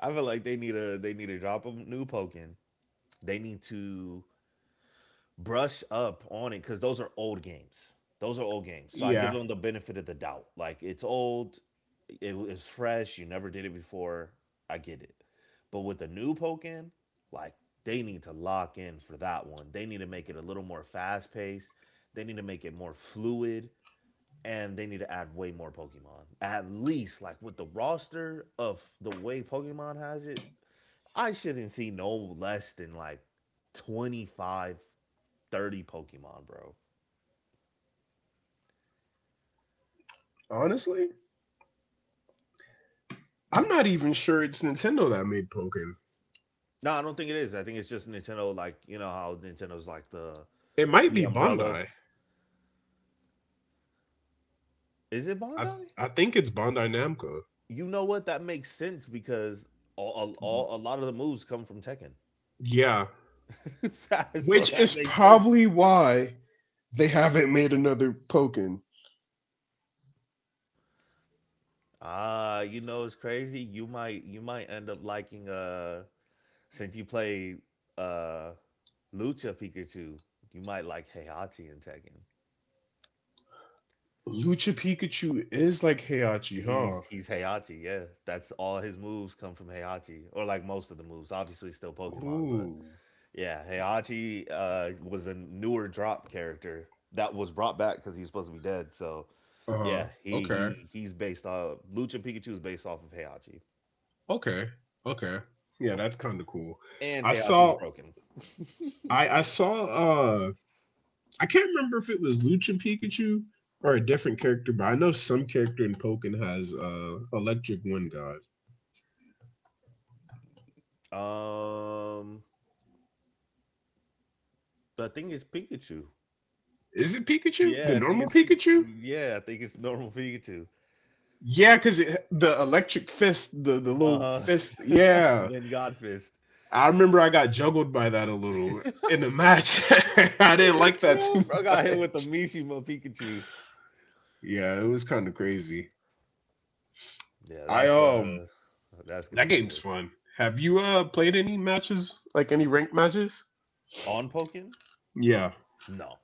S1: I feel like they need to drop a new Pokemon. They need to brush up on it because those are old games. Those are old games. So I give
S2: Yeah,
S1: them the benefit of the doubt. Like it's old, it is fresh. You never did it before. I get it. But with the new Pokemon, like they need to lock in for that one. They need to make it a little more fast paced. They need to make it more fluid. And they need to add way more Pokemon. At least, like with the roster of the way Pokemon has it, I shouldn't see no less than like 25, 30 Pokemon, bro.
S2: honestly, I'm not even sure it's Nintendo that made Pokken.
S1: No, I don't think it is. I think it's just Nintendo, like, you know how Nintendo's like
S2: It might
S1: the
S2: be
S1: umbrella.
S2: Bandai.
S1: Is it Bandai?
S2: I think it's Bandai Namco.
S1: You know what? That makes sense because a lot of the moves come from Tekken.
S2: Yeah,
S1: so
S2: which
S1: that
S2: is
S1: makes sense.
S2: probably why they haven't made another Pokken.
S1: Ah, you know it's crazy. You might end up liking since you play uh Lucha Pikachu, you might like Heihachi in Tekken.
S2: Lucha Pikachu is like Heihachi, huh?
S1: He's Heihachi, yeah. That's all his moves come from Heihachi, or like most of the moves. Obviously, still Pokemon, but
S2: Ooh.
S1: yeah, Heihachi was a newer drop character that was brought back because he was supposed to be dead. So
S2: Uh-huh.
S1: yeah,
S2: Okay.
S1: he's based off Lucha Pikachu is based off of Heihachi,
S2: Okay. Okay. Yeah, that's kind of cool.
S1: and
S2: I
S1: Heihachi is
S2: saw
S1: broken.
S2: I saw I can't remember if it was Lucha Pikachu or a different character, but I know some character in Pokken has electric wind god.
S1: Um, but I think it's Pikachu.
S2: Is it Pikachu? The
S1: Yeah, I think
S2: normal
S1: it's Pi-
S2: Pikachu?
S1: yeah, I think it's normal Pikachu.
S2: Yeah, cuz it the electric fist, the
S1: Uh
S2: little fist.
S1: huh.
S2: Yeah.
S1: when Godfist.
S2: I remember I got juggled by that a little in the match. I didn't like that
S1: yeah,
S2: too
S1: bro got hit with the
S2: much.
S1: Mishima Pikachu.
S2: Yeah, it was kind of crazy.
S1: Yeah,
S2: I
S1: that's gonna
S2: That
S1: be
S2: game's
S1: good.
S2: fun. Have you played any matches? Like any ranked matches?
S1: On Pokin?
S2: Yeah,
S1: No.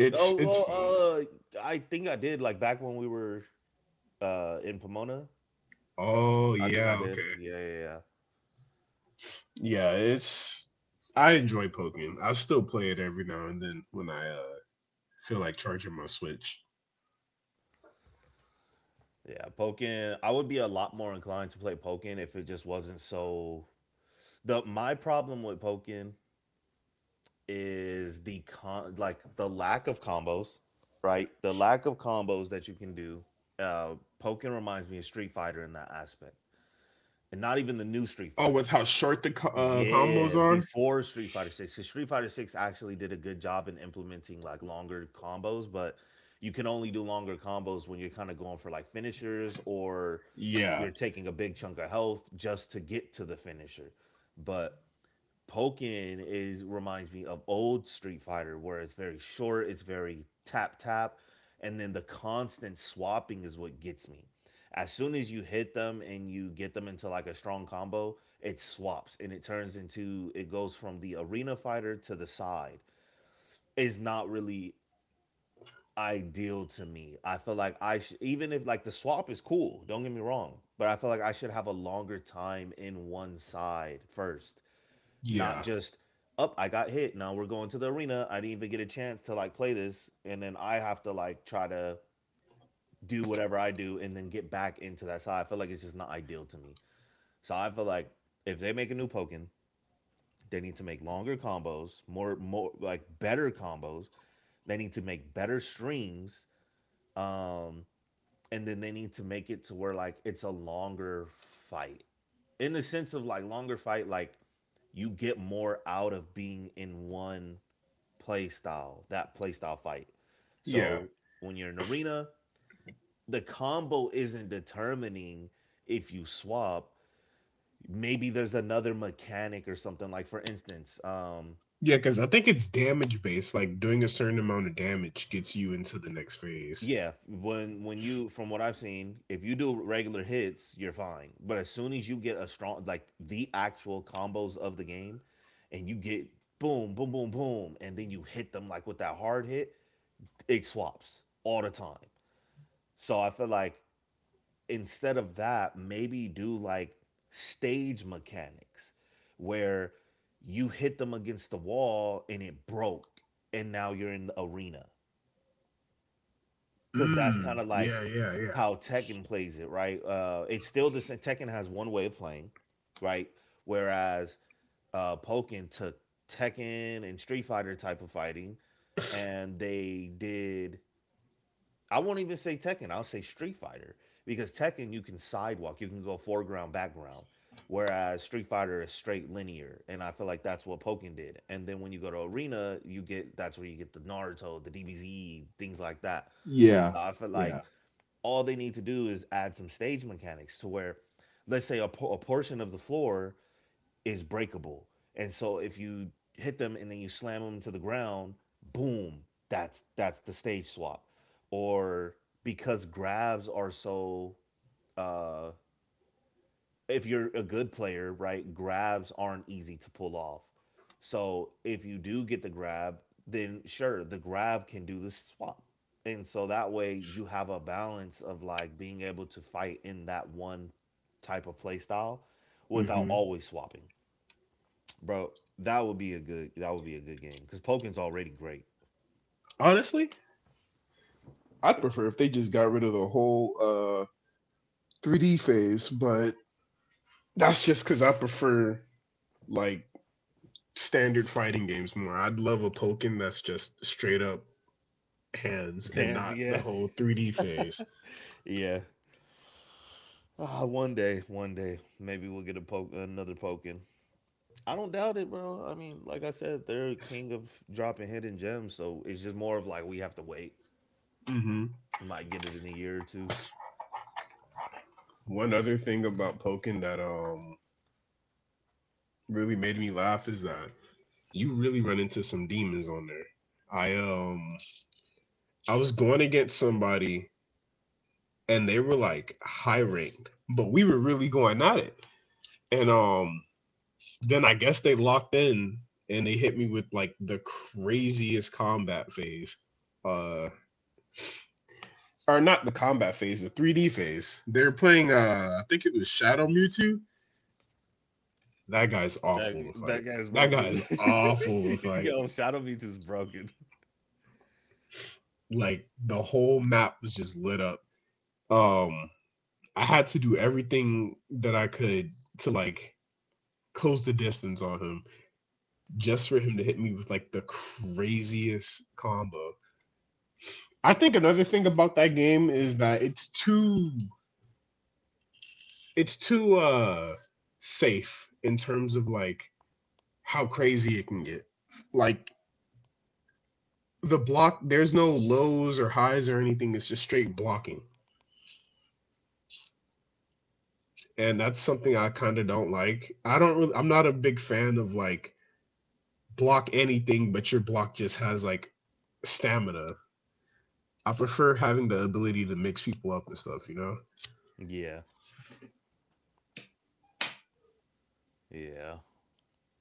S1: Oh
S2: it's fun.
S1: well I think I did like back when we were in Pomona.
S2: Oh
S1: I think I
S2: yeah,
S1: did.
S2: okay.
S1: Yeah, yeah.
S2: Yeah, it's I enjoy Pokemon. I still play it every now and then when I feel like charging my Switch.
S1: Yeah, Pokin. I would be a lot more inclined to play Pokin if it just wasn't so the my problem with Pokin is the con like the lack of combos, right? The lack of combos that you can do. Uh Pokin reminds me of Street Fighter in that aspect and not even the new Street
S2: Oh, with
S1: Fighter.
S2: how short the combos
S1: Yeah,
S2: are?
S1: before Street Fighter 6. 'Cause Street Fighter 6 actually did a good job in implementing like longer combos, but you can only do longer combos when you're kind of going for like finishers or
S2: Yeah,
S1: you're taking a big chunk of health just to get to the finisher. But Pokken is reminds me of old Street Fighter, where it's very short, it's very tap tap, and then the constant swapping is what gets me. As soon as you hit them and you get them into like a strong combo, it swaps and it turns into it goes from the arena fighter to the side. It's not really ideal to me. I feel like I should, even if like the swap is cool, don't get me wrong, but I feel like I should have a longer time in one side first, not
S2: yeah,
S1: just up oh, I got hit, now we're going to the arena, I didn't even get a chance to like play this, and then I have to like try to do whatever I do and then get back into that side. I feel like it's just not ideal to me. So I feel like if they make a new Pokemon, they need to make longer combos, more more like better combos. They need to make better strings, um and then they need to make it to where like it's a longer fight, in the sense of like longer fight like you get more out of being in one play style, that play style fight. So
S2: yeah.
S1: when you're in arena, the combo isn't determining if you swap. Maybe there's another mechanic or something. Like for instance,
S2: Yeah, because I think it's damage based. Like doing a certain amount of damage gets you into the next phase.
S1: yeah, when you from what I've seen, if you do regular hits, you're fine. But as soon as you get a strong like the actual combos of the game, and you get boom, boom, boom, boom, and then you hit them like with that hard hit, it swaps all the time. So I feel like instead of that, maybe do like stage mechanics where you hit them against the wall and it broke and now you're in the arena, because that's
S2: Mm.
S1: kind of like
S2: Yeah, yeah, yeah.
S1: how Tekken plays it, right? It's still the same. Tekken has one way of playing, right? Whereas Pokken took Tekken and Street Fighter type of fighting and they did I won't even say Tekken. I'll say Street Fighter because Tekken you can sidewalk, you can go foreground, background, whereas Street Fighter is straight linear, and I feel like that's what Pokken did. And then when you go to Arena, you get that's where you get the Naruto, the DBZ, things like that.
S2: yeah,
S1: So I feel like
S2: yeah.
S1: all they need to do is add some stage mechanics to where, let's say, a portion of the floor is breakable. And so if you hit them and then you slam them to the ground, boom, that's the stage swap. Or because grabs are so uh if you're a good player, right, grabs aren't easy to pull off. So if you do get the grab, then sure, the grab can do the swap. And so that way you have a balance of like being able to fight in that one type of play style without
S2: Mm-hmm.
S1: always swapping, bro. That would be a good game because Poken's already great.
S2: Honestly, I'd prefer if they just got rid of the whole 3D phase, but that's just because I prefer like standard fighting games more. I'd love a Pokken that's just straight up hands and
S1: And
S2: not
S1: yeah,
S2: the whole 3D phase.
S1: yeah. ah, one day, maybe we'll get another Pokken. I don't doubt it, bro. I mean, like I said, they're king of dropping hidden gems, so it's just more of like we have to wait.
S2: Mm-hmm.
S1: Might get it in a year or two.
S2: One other thing about Pokken that really made me laugh is that you really run into some demons on there. I um I was going against somebody and they were like high ranked, but we were really going at it. And then I guess they locked in and they hit me with like the craziest combat phase. Uh or not the combat phase, the 3D phase. They're playing I think it was Shadow Mewtwo. That guy's
S1: That
S2: awful to fight.
S1: that guy's
S2: That guy
S1: broken.
S2: is awful to fight.
S1: Yo, Shadow Mewtwo's is broken.
S2: Like the whole map was just lit up. Um I had to do everything that I could to like close the distance on him just for him to hit me with like the craziest combo. I think another thing about that game is that it's too safe in terms of like how crazy it can get. Like the block, there's no lows or highs or anything. It's just straight blocking, and that's something I kind of don't like. I don't. Really, I'm not a big fan of like block anything, but your block just has like stamina. I prefer having the ability to mix people up and stuff. You know,
S1: Yeah, yeah.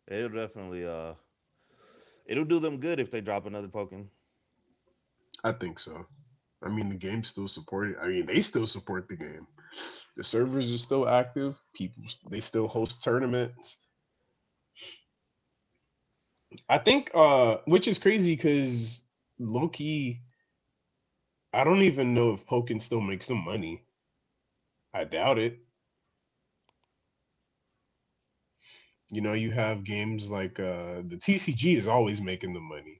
S1: It'll definitely it'll do them good if they drop another Pokemon.
S2: I think so. I mean, the game still supported. I mean, they still support the game. The servers are still active. People They still host tournaments. I think, which is crazy because Loki. I don't even know if Pokken still makes some money. I doubt it. You know, you have games like the TCG is always making the money.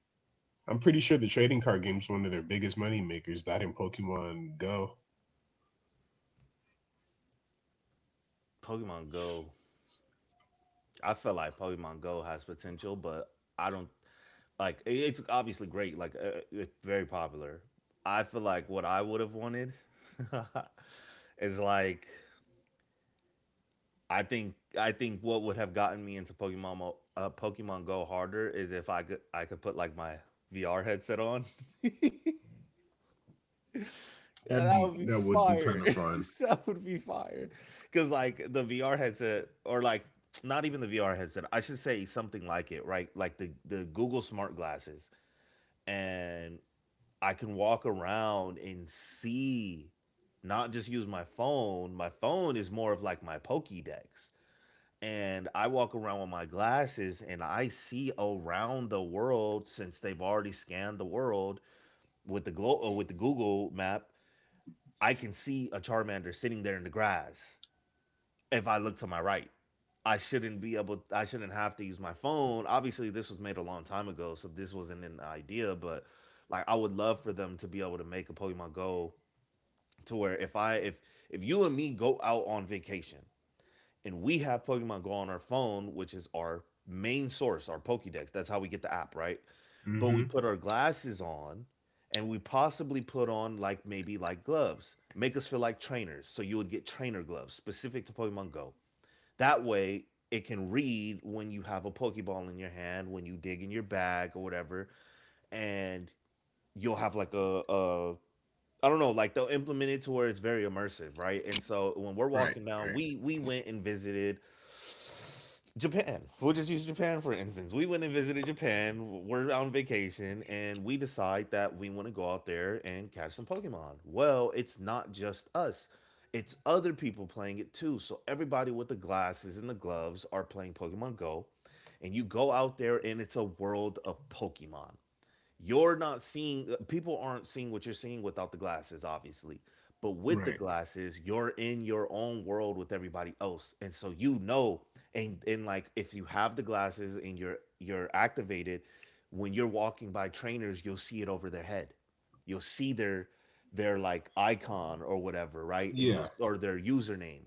S2: I'm pretty sure the trading card game is one of their biggest money makers. That in Pokemon Go.
S1: Pokemon Go. I feel like Pokemon Go has potential, but I don't, like, it's obviously great, like it's very popular. I feel like what I would have wanted is like I think what would have gotten me into Pokemon Go harder is if I could put like my VR headset on. Yeah,
S2: That'd
S1: that
S2: be
S1: would be
S2: that would be
S1: fire.
S2: kind of fun.
S1: That would be fire. Because, like, the VR headset, or like, not even the VR headset, I should say something like it, right? Like the Google smart glasses. And I can walk around and see, not just use my phone. My phone is more of like my Pokédex. And I walk around with my glasses and I see around the world since they've already scanned the world with the with the Google map, I can see a Charmander sitting there in the grass if I look to my right. I shouldn't be able. I shouldn't have to use my phone. Obviously, this was made a long time ago, so this wasn't an idea. But, like, I would love for them to be able to make a Pokemon Go to where if if you and me go out on vacation and we have Pokemon Go on our phone, which is our main source, our Pokédex. That's how we get the app, right? But we
S2: Mm-hmm.
S1: put our glasses on and we possibly put on like maybe like gloves, make us feel like trainers. So you would get trainer gloves specific to Pokemon Go. That way it can read when you have a Pokeball in your hand, when you dig in your bag or whatever, and you'll have like a, I don't know, like they'll implement it to where it's very immersive, right? And so when we're
S2: Right.
S1: walking down,
S2: Right.
S1: we went and visited Japan. We'll just use Japan for instance. We went and visited Japan. We're on vacation and we decide that we want to go out there and catch some Pokemon. Well, it's not just us. It's other people playing it too. So everybody with the glasses and the gloves are playing Pokemon Go. And you go out there and it's a world of Pokemon. You're not seeing, people aren't seeing what you're seeing without the glasses, obviously. But with the
S2: Right.
S1: glasses, you're in your own world with everybody else. And so, you know, and like if you have the glasses and you're activated, when you're walking by trainers, you'll see it over their head. You'll see their like icon or whatever, right? And you'll,
S2: Yeah.
S1: or their username.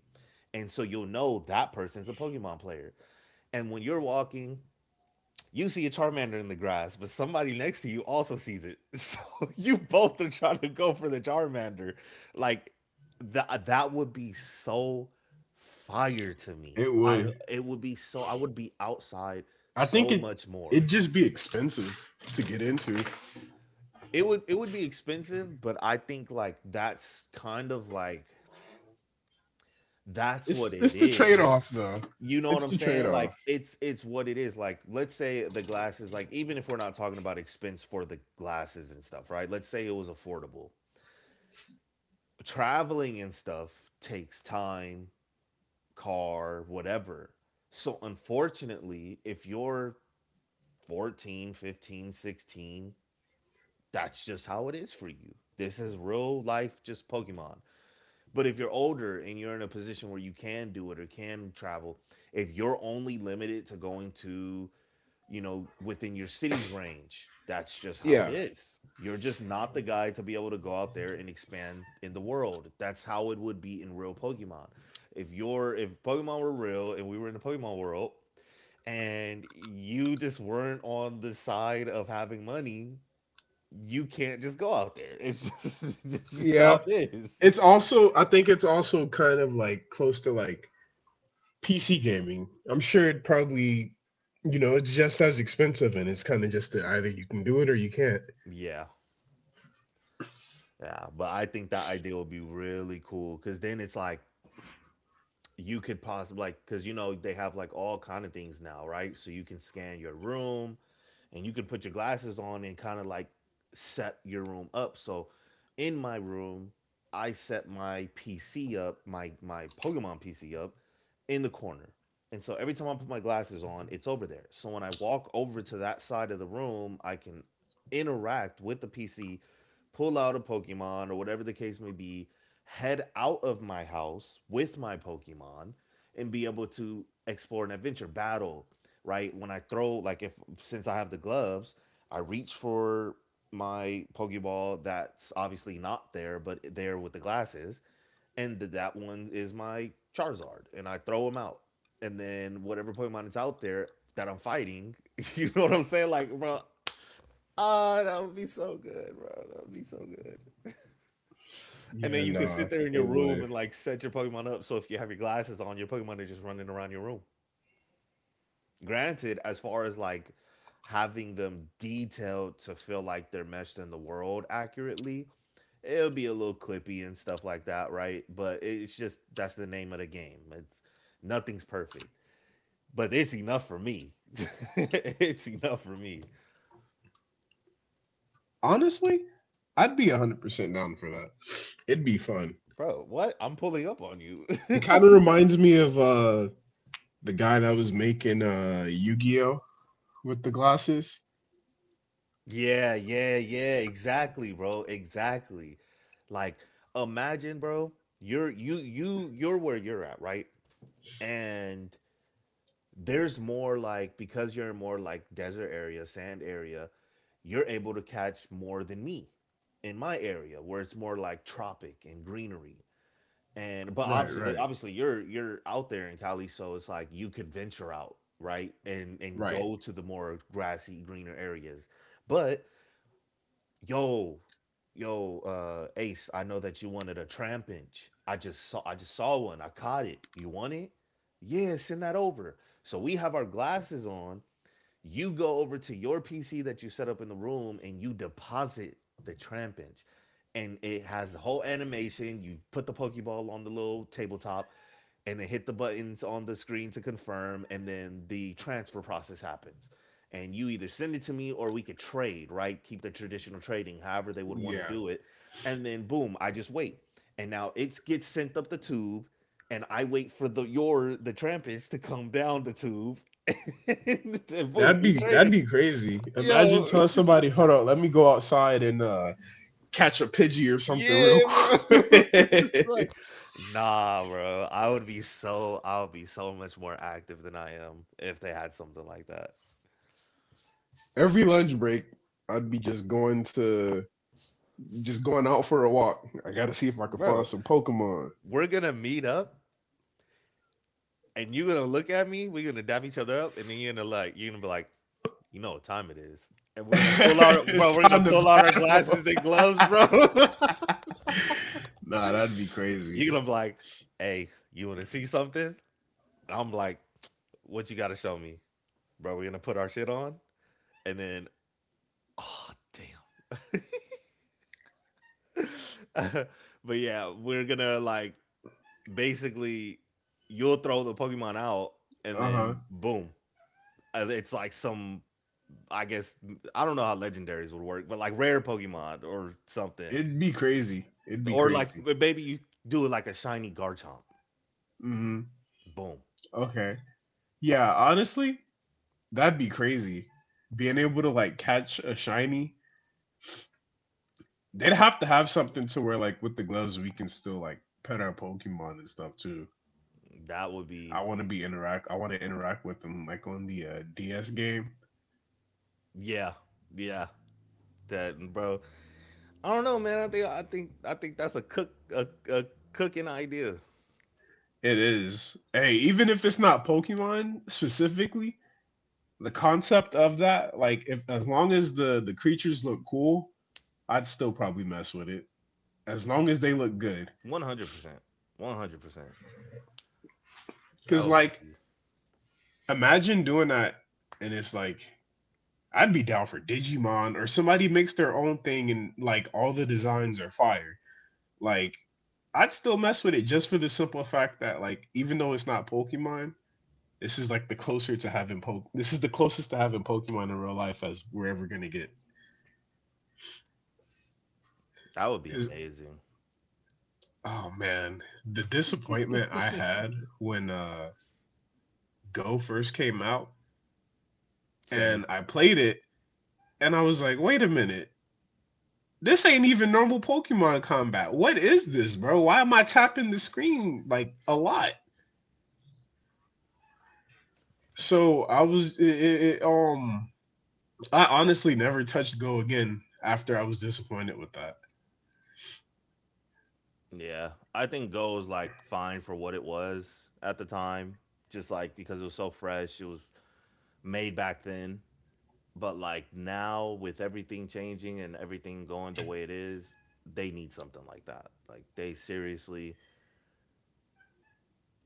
S1: And so you'll know that person's a Pokemon player. And when you're walking, you see a Charmander in the grass, but somebody next to you also sees it. So you both are trying to go for the Charmander. Like that would be so fire to me.
S2: It
S1: I
S2: would.
S1: it would be so, I would be outside
S2: I think
S1: so
S2: it
S1: much
S2: it'd
S1: more.
S2: just be expensive to get into.
S1: It would be expensive, but I think like that's kind of like that's what it
S2: It's the
S1: is.
S2: trade off though.
S1: You know what
S2: It's
S1: I'm
S2: the trade
S1: saying? Like
S2: off.
S1: it's what it is. Like let's say the glasses, like even if we're not talking about expense for the glasses and stuff, right? Let's say it was affordable. Traveling and stuff takes time, car, whatever. So unfortunately, if you're 14, 15, 16, that's just how it is for you. This is real life just Pokemon. But if you're older and you're in a position where you can do it or can travel, if you're only limited to going to, you know, within your city's range. That's just how it
S2: Yeah.
S1: is. You're just not the guy to be able to go out there and expand in the world. That's how it would be in real Pokemon. If Pokemon were real and we were in the Pokemon world and you just weren't on the side of having money, you can't just go out there. It's just it's just how
S2: Yeah.
S1: it is.
S2: It's also I think it's also kind of like close to like PC gaming. I'm sure it probably you know, it's just as expensive and it's kind of just that either you can do it or you can't.
S1: Yeah. Yeah, but I think that idea would be really cool because then it's like you could possibly, like, because you know they have like all kind of things now, right? So you can scan your room and you can put your glasses on and kind of like set your room up. So in my room, I set my PC up, my Pokemon PC up in the corner. And so every time I put my glasses on, it's over there. So when I walk over to that side of the room, I can interact with the PC, pull out a Pokemon or whatever the case may be, head out of my house with my Pokemon, and be able to explore an adventure battle, right? When I throw, like, if since I have the gloves, I reach for my Pokeball that's obviously not there, but there with the glasses, and that one is my Charizard, and I throw him out. And then whatever Pokemon is out there that I'm fighting, you know what I'm saying? Like, bro, oh, that would be so good, bro. That would be so good. And
S2: Yeah,
S1: then you can
S2: nah,
S1: sit there in
S2: it
S1: your
S2: would.
S1: room and like set your Pokemon up. So if you have your glasses on, your Pokemon are just running around your room. Granted, as far as like having them detailed to feel like they're meshed in the world accurately, it'll be a little clippy and stuff like that, right? But it's just that's the name of the game. It's nothing's perfect, but it's enough for me. It's enough for me,
S2: Honestly, I'd be 100% down for that. It'd be fun.
S1: bro. What I'm pulling up on you.
S2: It kind of reminds me of the guy that was making Yu-Gi-Oh with the glasses.
S1: Yeah, yeah, yeah, exactly, bro. Exactly. Like imagine, bro, you're where you're at, right? And there's more, like, because you're in more like desert area, sand area, you're able to catch more than me in my area where it's more like tropic and greenery. And but
S2: Right,
S1: obviously, like,
S2: right,
S1: obviously you're out there in Cali, so it's like you could venture out, right? And
S2: right.
S1: go to the more grassy, greener areas. But yo, yo, Ace, I know that you wanted a tramp. I just saw one. I caught it. You want it? Yeah, send that over. So we have our glasses on. You go over to your PC that you set up in the room and you deposit the tramp. And it has the whole animation. You put the Pokeball on the little tabletop and they hit the buttons on the screen to confirm and then the transfer process happens, and you either send it to me or we could trade, right? Keep the traditional trading, however they would want to
S2: Yeah.
S1: do it. And then boom, I just wait and now it gets sent up the tube and I wait for the your the trampage to come down the tube. And boom, we
S2: That'd
S1: traded.
S2: be crazy. Imagine
S1: Yo,
S2: telling somebody, "Hold on, let me go outside and catch a pidgey or something real
S1: yeah, bro. It's like,
S2: quick."
S1: nah, bro. I would be so much more active than I am if they had something like that.
S2: Every lunch break, I'd be just going to just going out for a walk. I gotta see if I can find
S1: Bro,
S2: some Pokemon.
S1: we're gonna meet up and you're gonna look at me, we're gonna dap each other up, and then you're gonna, like, you're gonna be like, you know what time it is. And we're gonna pull
S2: It's
S1: we're
S2: time
S1: gonna
S2: to
S1: pull out our glasses
S2: battle.
S1: and gloves, bro.
S2: Nah, that'd be crazy.
S1: You're gonna be like, hey, you wanna see something? I'm like, what you gotta show me? Bro, we're gonna put our shit on and then, oh damn. But yeah, we're gonna like basically you'll throw the Pokemon out and
S2: Uh huh.
S1: then boom, it's like some, I guess, I don't know how legendaries would work, but like rare Pokemon or something,
S2: It'd be crazy. It'd be
S1: or like
S2: crazy.
S1: maybe you do it like a shiny Garchomp.
S2: Mm-hmm.
S1: Boom,
S2: Okay. Yeah. Honestly, that'd be crazy. Being able to like catch a shiny. They'd have to have something to where like with the gloves we can still like pet our Pokemon and stuff too.
S1: that would be,
S2: I want to be interact. I want to interact with them like on the DS game.
S1: yeah, yeah. That, bro, I don't know, man. I think that's a cooking idea.
S2: It is hey, even if it's not Pokemon specifically, the concept of that like if as long as the creatures look cool, I'd still probably mess with it as long as they look good.
S1: 100%, 100%. That
S2: Cause
S1: would
S2: like Imagine doing that and it's like I'd be down for Digimon or somebody makes their own thing and like all the designs are fire. like I'd still mess with it just for the simple fact that like even though it's not Pokemon, this is like the closer to having po- this is the closest to having Pokemon in real life as we're ever gonna get.
S1: that would be
S2: Cause
S1: amazing.
S2: Oh man, the disappointment I had when Go first came out
S1: Same.
S2: and I played it and I was like, wait a minute, this ain't even normal Pokemon combat. What is this, bro? Why am I tapping the screen like a lot? So I was it, it, I honestly never touched Go again after I was disappointed with that.
S1: Yeah. I think Go is like fine for what it was at the time. Just like because it was so fresh, it was made back then. But like now with everything changing and everything going the way it is, they need something like that. Like they seriously,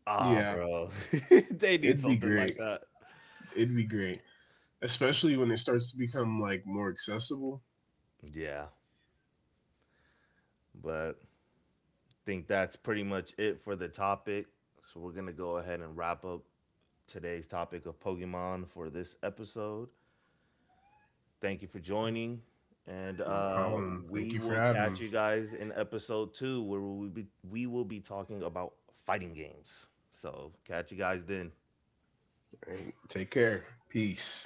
S1: ah,
S2: Yeah,
S1: bro. They need
S2: it'd be
S1: something like
S2: great.
S1: that.
S2: It'd be great, especially when it starts to become like more accessible.
S1: Yeah. But I think that's pretty much it for the topic. So we're gonna go ahead and wrap up today's topic of Pokemon for this episode. Thank you for joining. And
S2: No problem. Thank you
S1: we
S2: for
S1: will
S2: having me.
S1: catch you guys in episode 2, where we will be talking about fighting games. So, catch you guys then.
S2: All right, take care. Peace.